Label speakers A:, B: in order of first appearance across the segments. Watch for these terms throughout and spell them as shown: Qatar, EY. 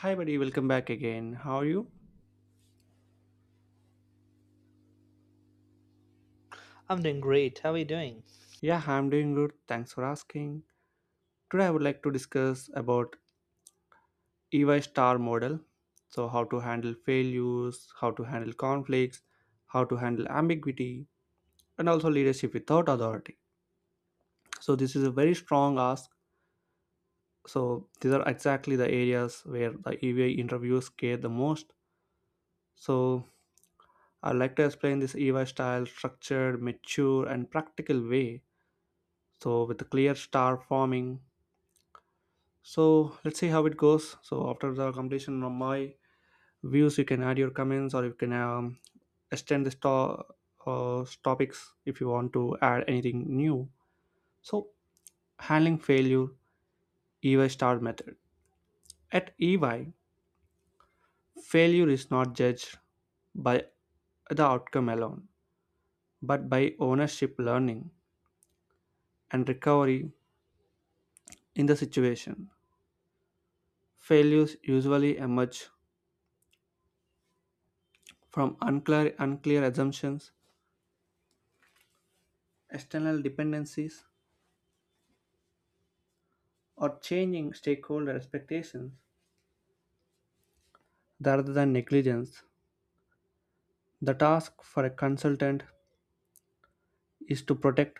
A: Hi, buddy, welcome back again. How are you?
B: I'm doing great. How are you doing?
A: Yeah, I'm doing good. Thanks for asking. Today, I would like to discuss about EY star model. So, how to handle failures, how to handle conflicts, how to handle ambiguity, and also leadership without authority. So, this is a very strong ask. So, these are exactly the areas where the EY interviews care the most. So, I'd like to explain this EY style structured, mature, and practical way. So, with a clear star forming, so let's see how it goes. So after the completion of my views, you can add your comments or you can extend this to topics if you want to add anything new. So, handling failure, EY star method. At EY, failure is not judged by the outcome alone, but by ownership, learning, and recovery. In the situation, failures usually emerge from unclear assumptions, external dependencies, or changing stakeholder expectations rather than negligence. The task for a consultant is to protect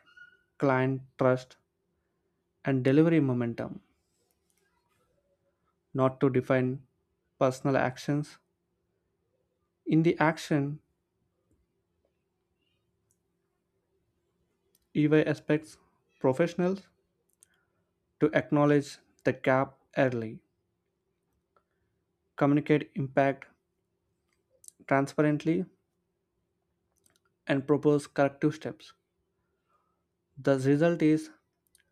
A: client trust and delivery momentum, not to define personal actions. In the action, EY expects professionals to acknowledge the gap early, communicate impact transparently, and propose corrective steps. The result is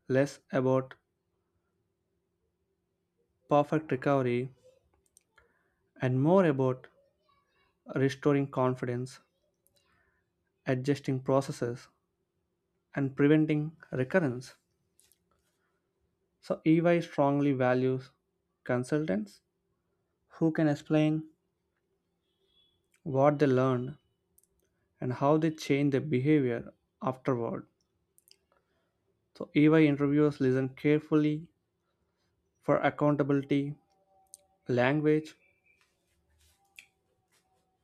A: less about perfect recovery and more about restoring confidence, adjusting processes, and preventing recurrence. So, EY strongly values consultants who can explain what they learned and how they change their behavior afterward. So, EY interviewers listen carefully for accountability language.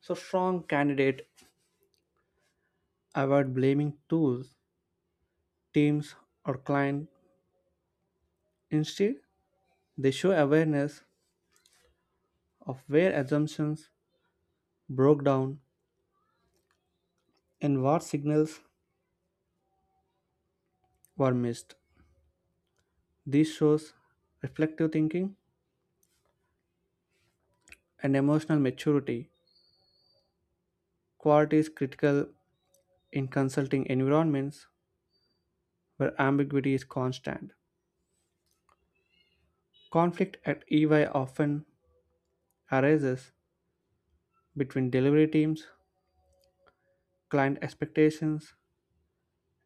A: So, strong candidate avoid blaming tools, teams, or client. Instead, they show awareness of where assumptions broke down and what signals were missed. This shows reflective thinking and emotional maturity, qualities critical in consulting environments where ambiguity is constant. Conflict at EY often arises between delivery teams, client expectations,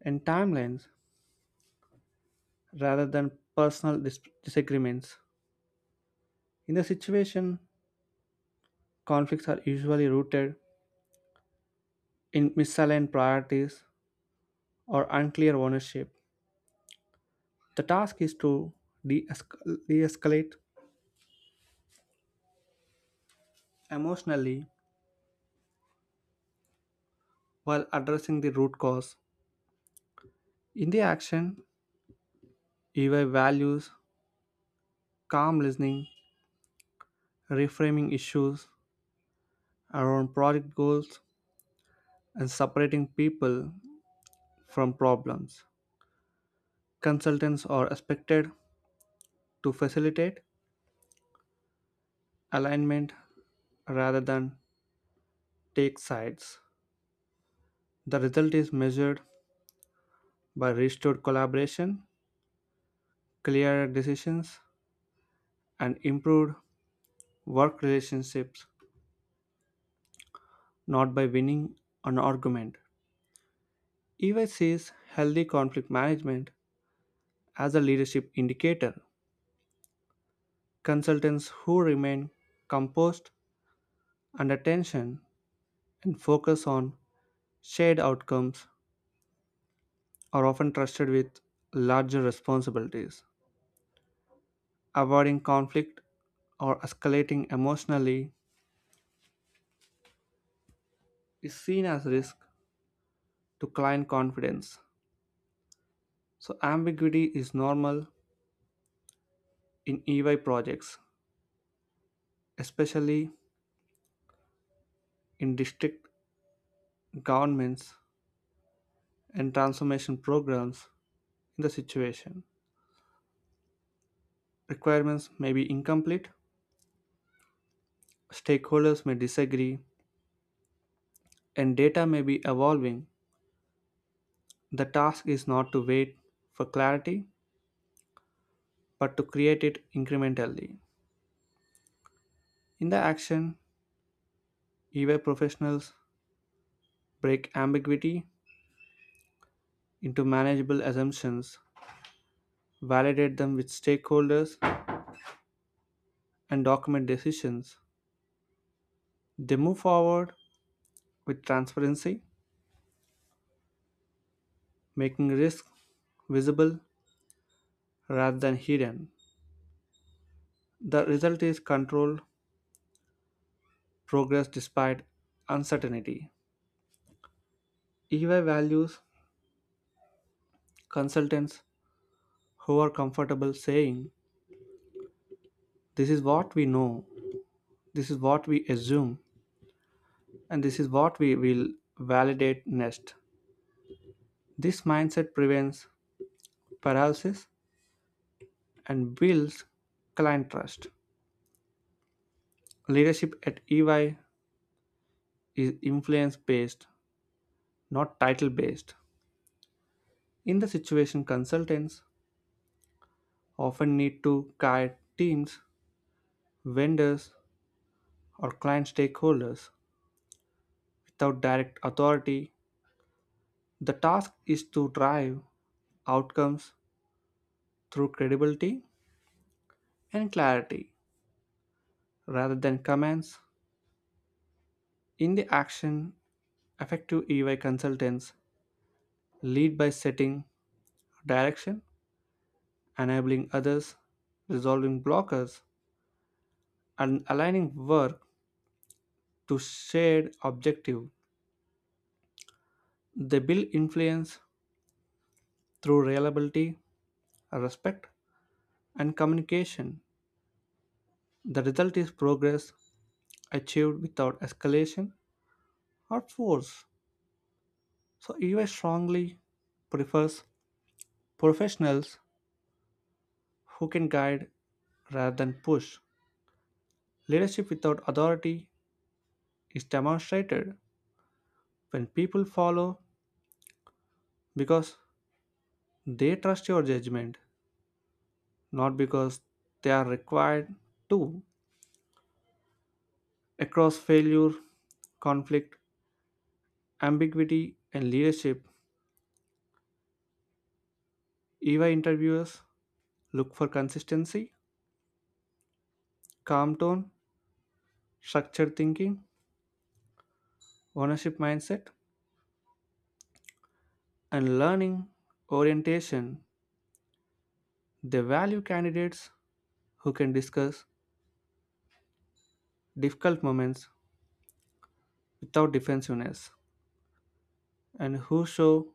A: and timelines rather than disagreements. In the situation, conflicts are usually rooted in misaligned priorities or unclear ownership. The task is to de escalate emotionally while addressing the root cause. In the action, EY values calm listening, reframing issues around project goals, and separating people from problems. Consultants are expected to facilitate alignment rather than take sides. The result is measured by restored collaboration, clearer decisions, and improved work relationships, not by winning an argument. EY sees healthy conflict management as a leadership indicator. Consultants who remain composed under tension and focus on shared outcomes are often trusted with larger responsibilities. Avoiding conflict or escalating emotionally is seen as risk to client confidence. So, ambiguity is normal in EY projects, especially in district governments and transformation programs. In the situation, requirements may be incomplete, stakeholders may disagree, and data may be evolving. The task is not to wait for clarity, but to create it incrementally. In the action, EY professionals break ambiguity into manageable assumptions, validate them with stakeholders, and document decisions. They move forward with transparency, making risk visible rather than hidden. The result is controlled progress despite uncertainty. EY values consultants who are comfortable saying, "This is what we know, this is what we assume, and this is what we will validate next." This mindset prevents paralysis and builds client trust. Leadership at EY is influence based, not title based. In the situation, consultants often need to guide teams, vendors, or client stakeholders without direct authority. The task is to drive outcomes through credibility and clarity rather than commands. In the action, effective EY consultants lead by setting direction, enabling others, resolving blockers, and aligning work to shared objective. They build influence through reliability, respect, and communication. The result is progress achieved without escalation or force. So, EY strongly prefers professionals who can guide rather than push. Leadership without authority is demonstrated when people follow because they trust your judgment, not because they are required to. Across failure, conflict, ambiguity, and leadership, EY interviewers look for consistency, calm tone, structured thinking, ownership mindset, and learning orientation. They value candidates who can discuss difficult moments without defensiveness and who show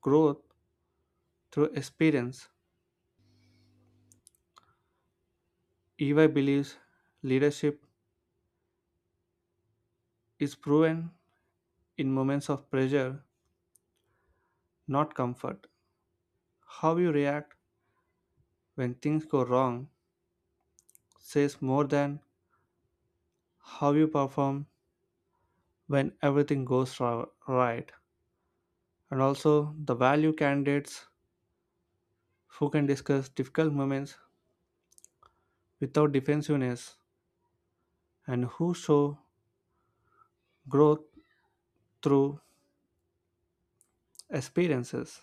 A: growth through experience. EY believes leadership is proven in moments of pressure, not comfort. How you react when things go wrong says more than how you perform when everything goes right. And also, the value candidates who can discuss difficult moments without defensiveness, and who show growth through experiences.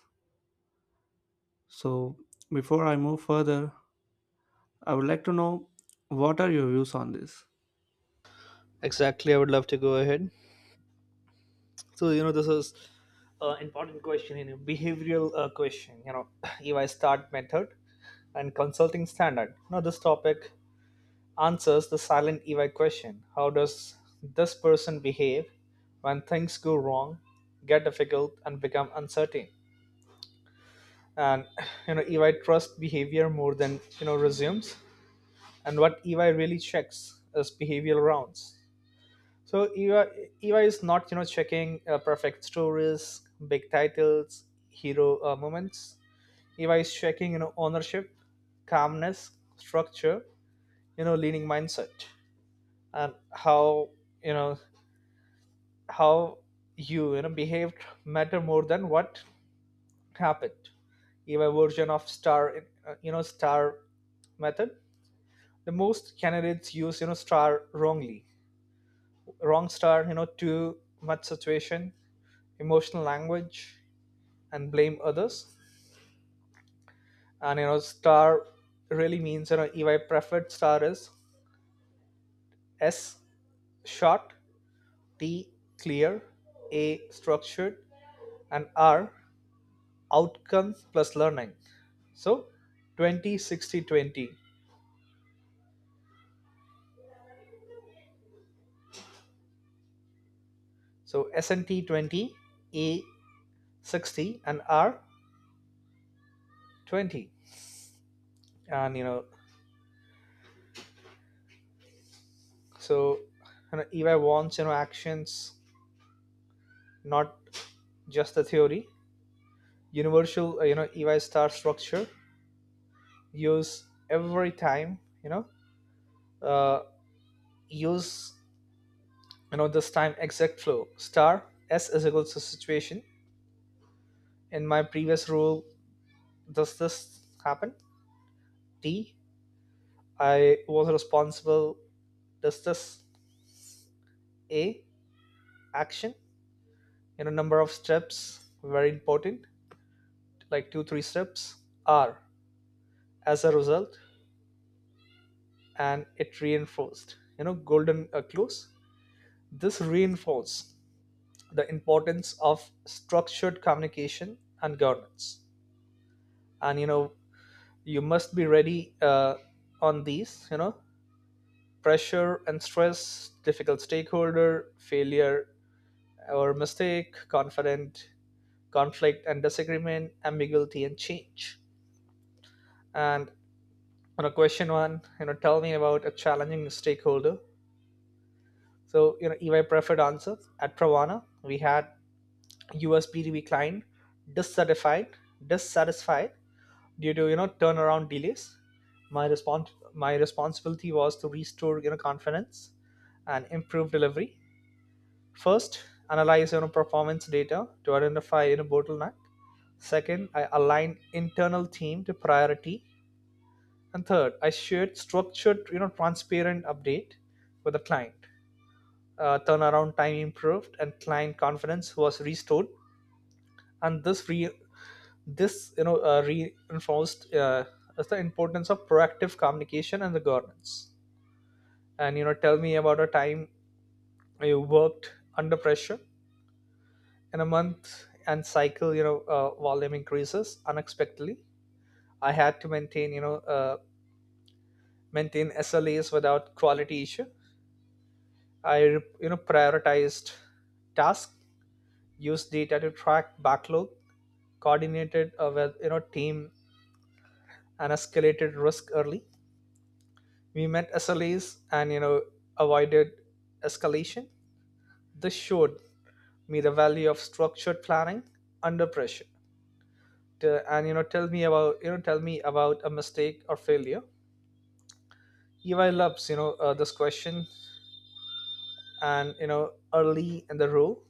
A: So, before I move further, I would like to know, what are your views on this?
B: Exactly. I would love to go ahead. So, this is an important question, behavioral question, EY start method and consulting standard. Now, this topic answers the silent EY question: how does this person behave when things go wrong, get difficult, and become uncertain? And, EY trust behavior more than, resumes. And what EY really checks is behavioral rounds. So Eva is not checking perfect stories, big titles, hero moments. Eva is checking ownership, calmness, structure, leaning mindset, and how you know how behaved matter more than what happened. Eva version of star you know star method. The most candidates use star wrongly, wrong star too much situation, emotional language, and blame others. And star really means EY preferred star is S short, T clear, A structured, and R outcome plus learning. So 20-60-20. So S and T 20, A 60, and R 20. And so EY wants actions, not just the theory. Universal EY star structure, use every time, you know uh, use you know this time exact flow. Star: s is equal to situation in my previous rule, does this happen, d I was responsible, does this, a action, number of steps very important, like two three steps. R as a result, and it reinforced golden clues. This reinforce the importance of structured communication and governance. And you must be ready, on these, pressure and stress, difficult stakeholder, failure or mistake, confident, conflict and disagreement, ambiguity and change. And on a question one, tell me about a challenging stakeholder. So EY preferred answer: at Pravana we had USBDB client, dissatisfied dissatisfied due to turnaround delays. My responsibility was to restore confidence and improve delivery. First, analyze performance data to identify bottleneck. Second, I aligned internal team to priority. And third, I shared structured, transparent update with the client. Turnaround time improved and client confidence was restored. And this, reinforced as the importance of proactive communication and the governance. And tell me about a time you worked under pressure in a month and cycle. Volume increases unexpectedly. I had to maintain, maintain SLAs without quality issue. I, prioritized tasks, used data to track backlog, coordinated with team, and escalated risk early. We met SLAs and avoided escalation. This showed me the value of structured planning under pressure. T- and you know, tell me about you know, tell me about a mistake or failure. Eli loves this question. And early in the role,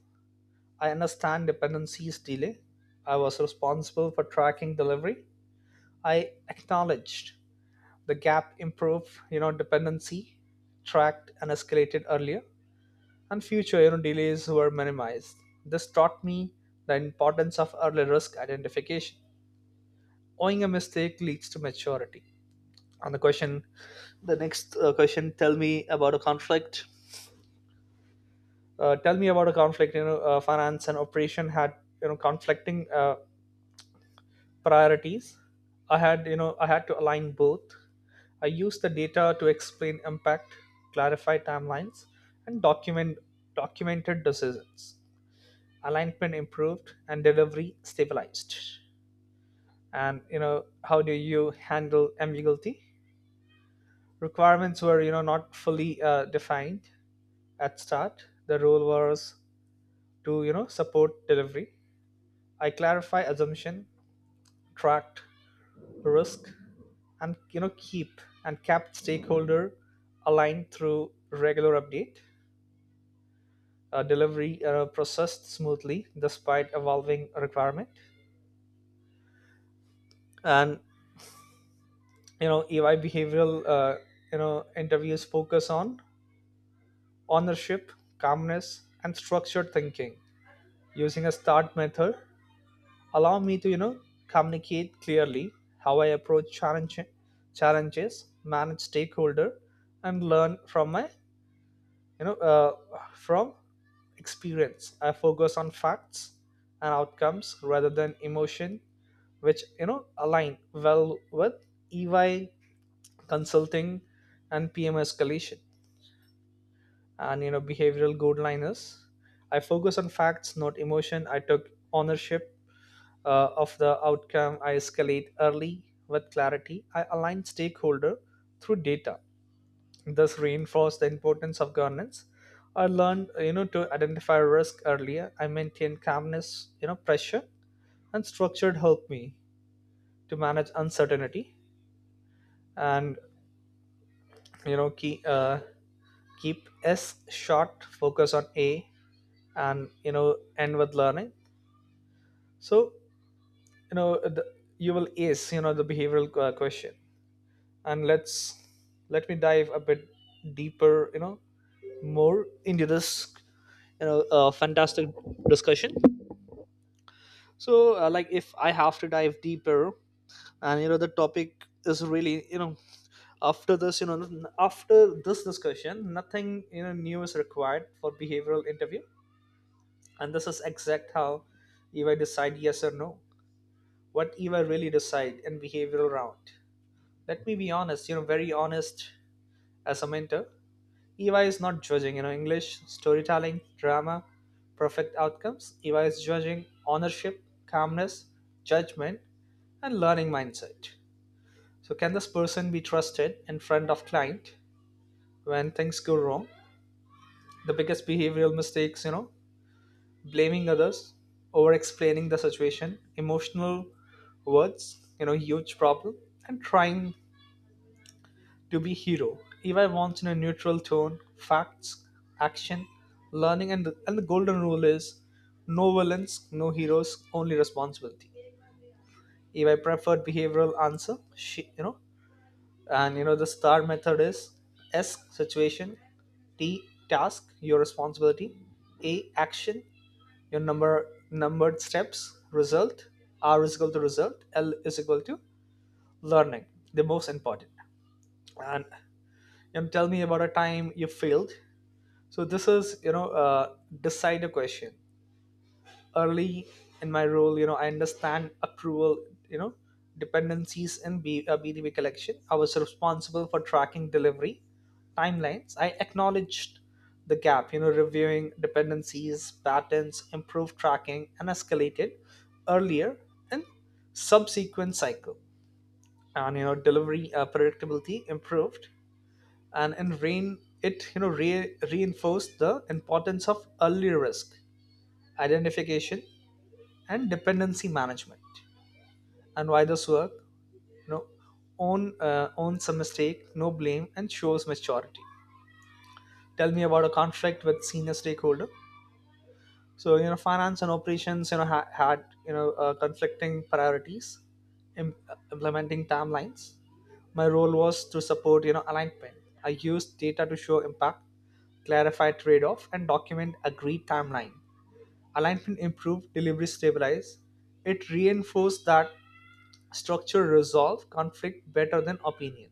B: I understand dependencies delay. I was responsible for tracking delivery. I acknowledged the gap, improved dependency, tracked and escalated earlier, and future delays were minimized. This taught me the importance of early risk identification. Owing a mistake leads to maturity. And the question, the next question, tell me about a conflict. Finance and operation had conflicting priorities. I had to align both. I used the data to explain impact, clarify timelines, and documented decisions. Alignment improved and delivery stabilized. And how do you handle ambiguity? Requirements were not fully defined at start. The role was to support delivery. I clarify assumption, tracked risk, and you know keep and kept stakeholder aligned through regular update. Delivery processed smoothly despite evolving requirement. And EY behavioral interviews focus on ownership, calmness, and structured thinking. Using a start method allow me to communicate clearly how I challenges, manage stakeholder, and learn from my you know from experience. I focus on facts and outcomes rather than emotion, which align well with EY consulting and PM escalation and behavioral guidelines. I focus on facts, not emotion. I took ownership of the outcome. I escalate early with clarity. I align stakeholder through data. Thus reinforce the importance of governance. I learned to identify risk earlier. I maintain calmness, pressure, and structured help me to manage uncertainty. And you know keep uh, keep S short, focus on A, and end with learning. So you know uh, the, you will ace the behavioral question. And let me dive a bit deeper, more into this, fantastic discussion. So like, if I have to dive deeper, and the topic is really, after this, after this discussion, nothing new is required for behavioral interview. And this is exact how, if I decide yes or no, what if I really decide in behavioral round. Let me be honest, very honest, as a mentor. Eva is not judging English storytelling drama, perfect outcomes. Eva is judging ownership, calmness, judgment, and learning mindset. So can this person be trusted in front of client when things go wrong? The biggest behavioral mistakes, blaming others, over explaining the situation, emotional words, huge problem, and trying to be hero. Eva wants in a neutral tone facts, action, learning. And the golden rule is no villains, no heroes, only responsibility. If I preferred behavioral answer, she, you know, and you know the star method is S situation, T task, your responsibility, A action, your numbered steps, result, R is equal to result, L is equal to learning, the most important. And tell me about a time you failed. So this is, decider question. Early in my role, I understand approval, you know, dependencies in BDB collection. I was responsible for tracking delivery timelines. I acknowledged the gap, reviewing dependencies, patterns, improved tracking, and escalated earlier in subsequent cycle. And delivery predictability improved, and in rain it reinforced the importance of early risk identification and dependency management. And why this work? you know owns a mistake, no blame, and shows maturity. Tell me about a conflict with senior stakeholder. So finance and operations, had conflicting priorities, im- implementing timelines. My role was to support alignment. I used data to show impact, clarify trade-off, and document agreed timeline. Alignment improved, delivery stabilized. It reinforced that structure resolve conflict better than opinion.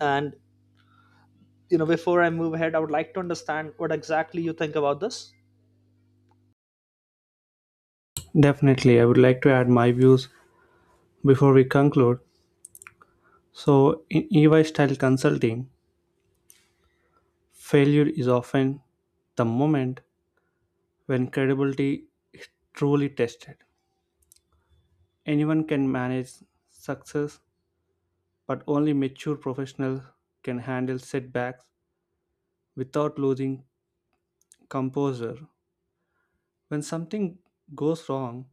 B: And before I move ahead, I would like to understand what exactly you think about this.
A: Definitely, I would like to add my views before we conclude. So, in EY style consulting, failure is often the moment when credibility is truly tested. Anyone can manage success, but only mature professionals can handle setbacks without losing composure. When something goes wrong,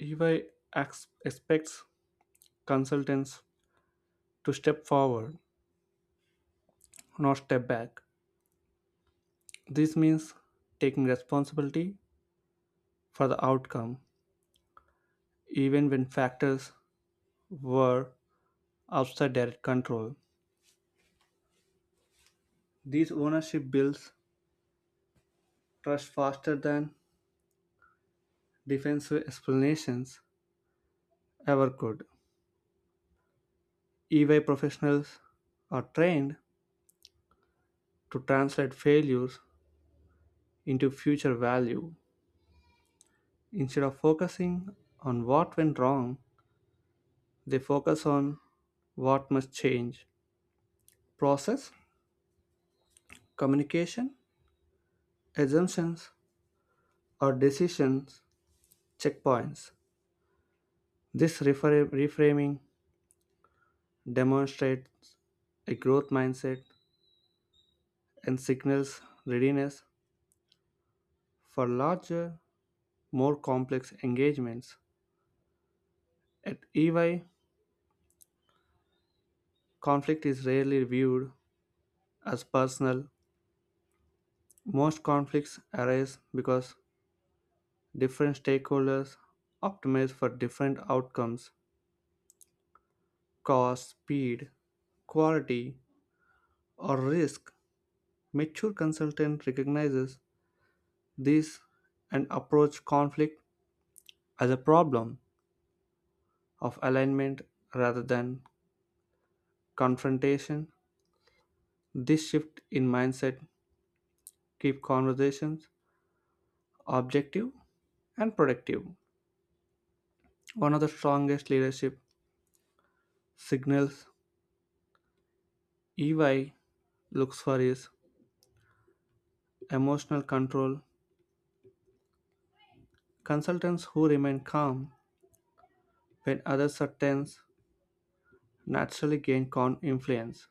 A: EY expects consultants to step forward, not step back. This means taking responsibility for the outcome, even when factors were outside direct control. These ownership builds trust faster than defensive explanations ever could. EY professionals are trained to translate failures into future value. Instead of focusing on what went wrong, they focus on what must change. Process, communication, assumptions, or decisions checkpoints. This reframing demonstrates a growth mindset and signals readiness for larger, more complex engagements. At EY, conflict is rarely viewed as personal. Most conflicts arise because different stakeholders optimize for different outcomes: cost, speed, quality, or risk. Mature consultant recognizes this and approach conflict as a problem of alignment rather than confrontation. This shift in mindset keep conversations objective and productive. One of the strongest leadership signals EY looks for is emotional control. Consultants who remain calm when others are tense naturally gain calm influence.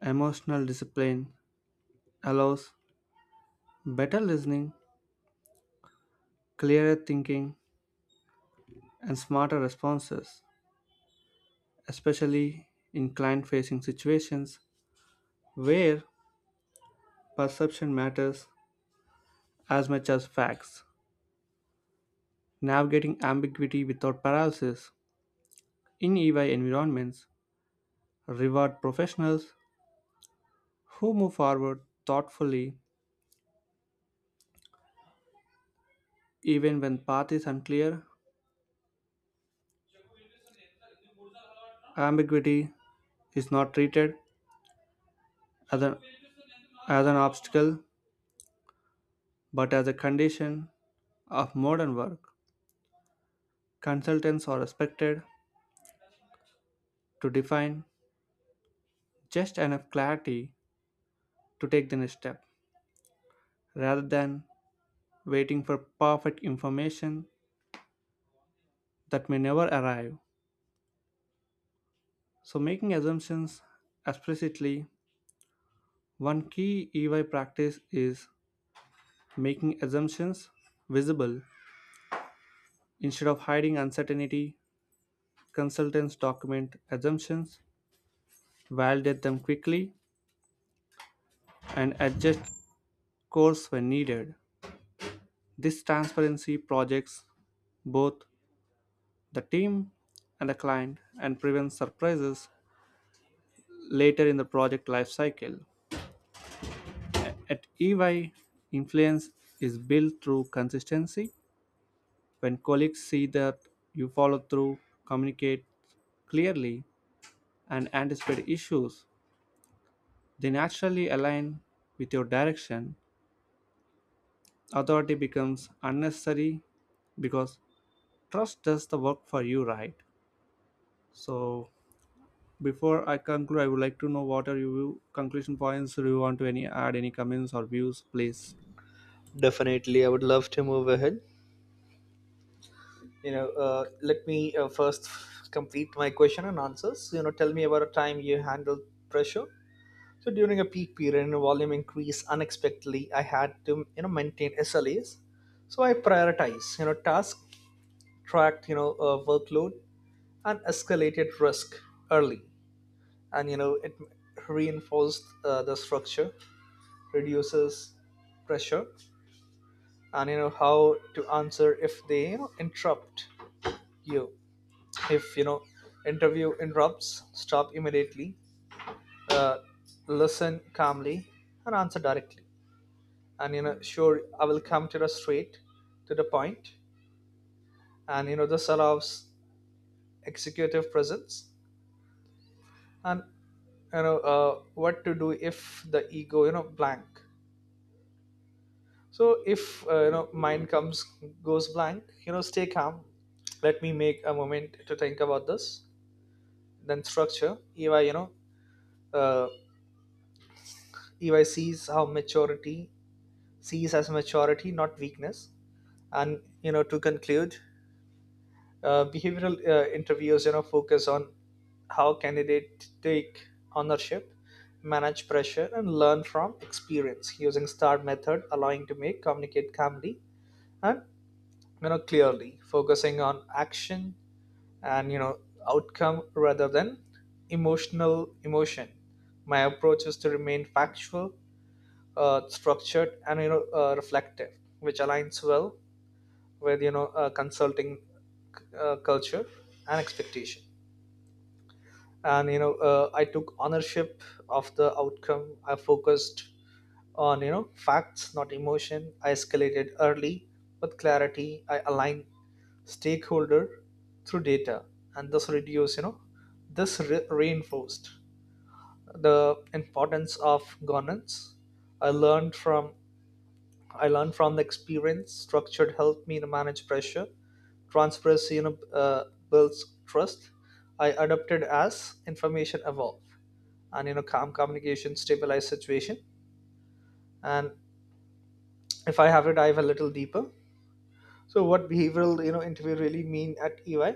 A: Emotional discipline allows better listening, clearer thinking, and smarter responses, especially in client facing situations where perception matters as much as facts. Navigating ambiguity without paralysis, in EY environments reward professionals who move forward thoughtfully. Even when path is unclear, ambiguity is not treated as an, as an obstacle but as a condition of modern work. Consultants are expected to define just enough clarity to take the next step rather than waiting for perfect information that may never arrive. So, making assumptions explicitly, one key EY practice is making assumptions visible instead of hiding uncertainty. Consultants document assumptions, validate them quickly, and adjust course when needed. This transparency projects both the team and the client and prevents surprises later in the project lifecycle. At EY, influence is built through consistency. When colleagues see that you follow through, communicate clearly, and anticipate issues, they naturally align with your direction. Authority becomes unnecessary because trust does the work for you, right? So before I conclude, I would like to know, what are your conclusion points? Do you want to any add any comments or views, please?
B: Definitely, I would love to move ahead. Let me first complete my question and answers. Tell me about a time you handled pressure. So during a peak period, and volume increase unexpectedly, I had to maintain SLAs. So I prioritize task, tracked workload, and escalated risk early. And it reinforced the structure reduces pressure. And how to answer if they, interrupt you. If interview interrupts, stop immediately, uh, listen calmly, and answer directly. And sure, I will come to the straight to the point. And this allows executive presence. And what to do if the ego blank. So if, mind comes goes blank, stay calm. Let me make a moment to think about this, then structure. Ey you know uh, EY sees how maturity sees as maturity, not weakness. And to conclude, behavioral interviews focus on how candidate take ownership, manage pressure, and learn from experience using STAR method, allowing to make communicate calmly and clearly, focusing on action and outcome rather than emotion. My approach is to remain factual, structured, and reflective, which aligns well with consulting culture and expectation. And I took ownership of the outcome. I focused on facts, not emotion. I escalated early with clarity. I aligned stakeholder through data, and thus reduce reinforced the importance of governance. i learned from I learned from the experience. Structured helped me to manage pressure. Transparency builds trust. I adapted as information evolved, and calm communication stabilized situation. And if I have to dive a little deeper, so what behavioral interview really mean at EY?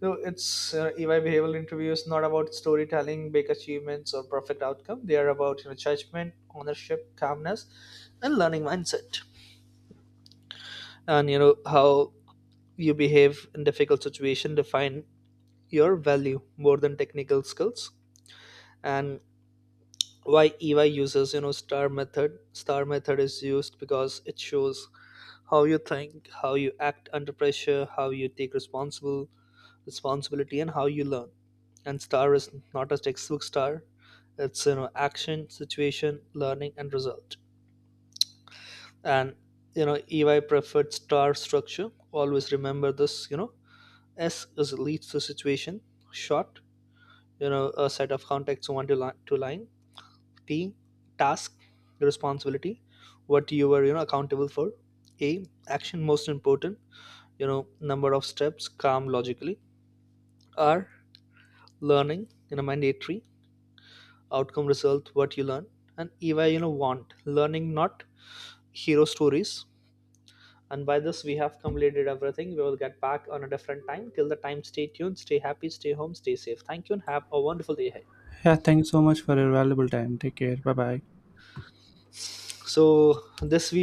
B: So it's EY behavioral interview is not about storytelling, big achievements, or perfect outcome. They are about judgment, ownership, calmness, and learning mindset. And how you behave in difficult situation define your value more than technical skills. And why EY uses star method? Star method is used because it shows how you think, how you act under pressure, how you take responsible responsibility, and how you learn. And star is not a textbook star, it's action, situation, learning, and result. And EY preferred star structure, always remember this, S is leads to situation, short, a set of contacts one to line, to line. T task, responsibility, what you were accountable for. A action, most important, number of steps calm logically. R learning, mandatory outcome, result, what you learn. And Eva want learning, not hero stories. And by this, we have completed everything. We will get back on a different time. Till the time, stay tuned, stay happy, stay home, stay safe. Thank you and have a wonderful day ahead.
A: Yeah, thank you so much for your valuable time. Take care. Bye bye
B: So this we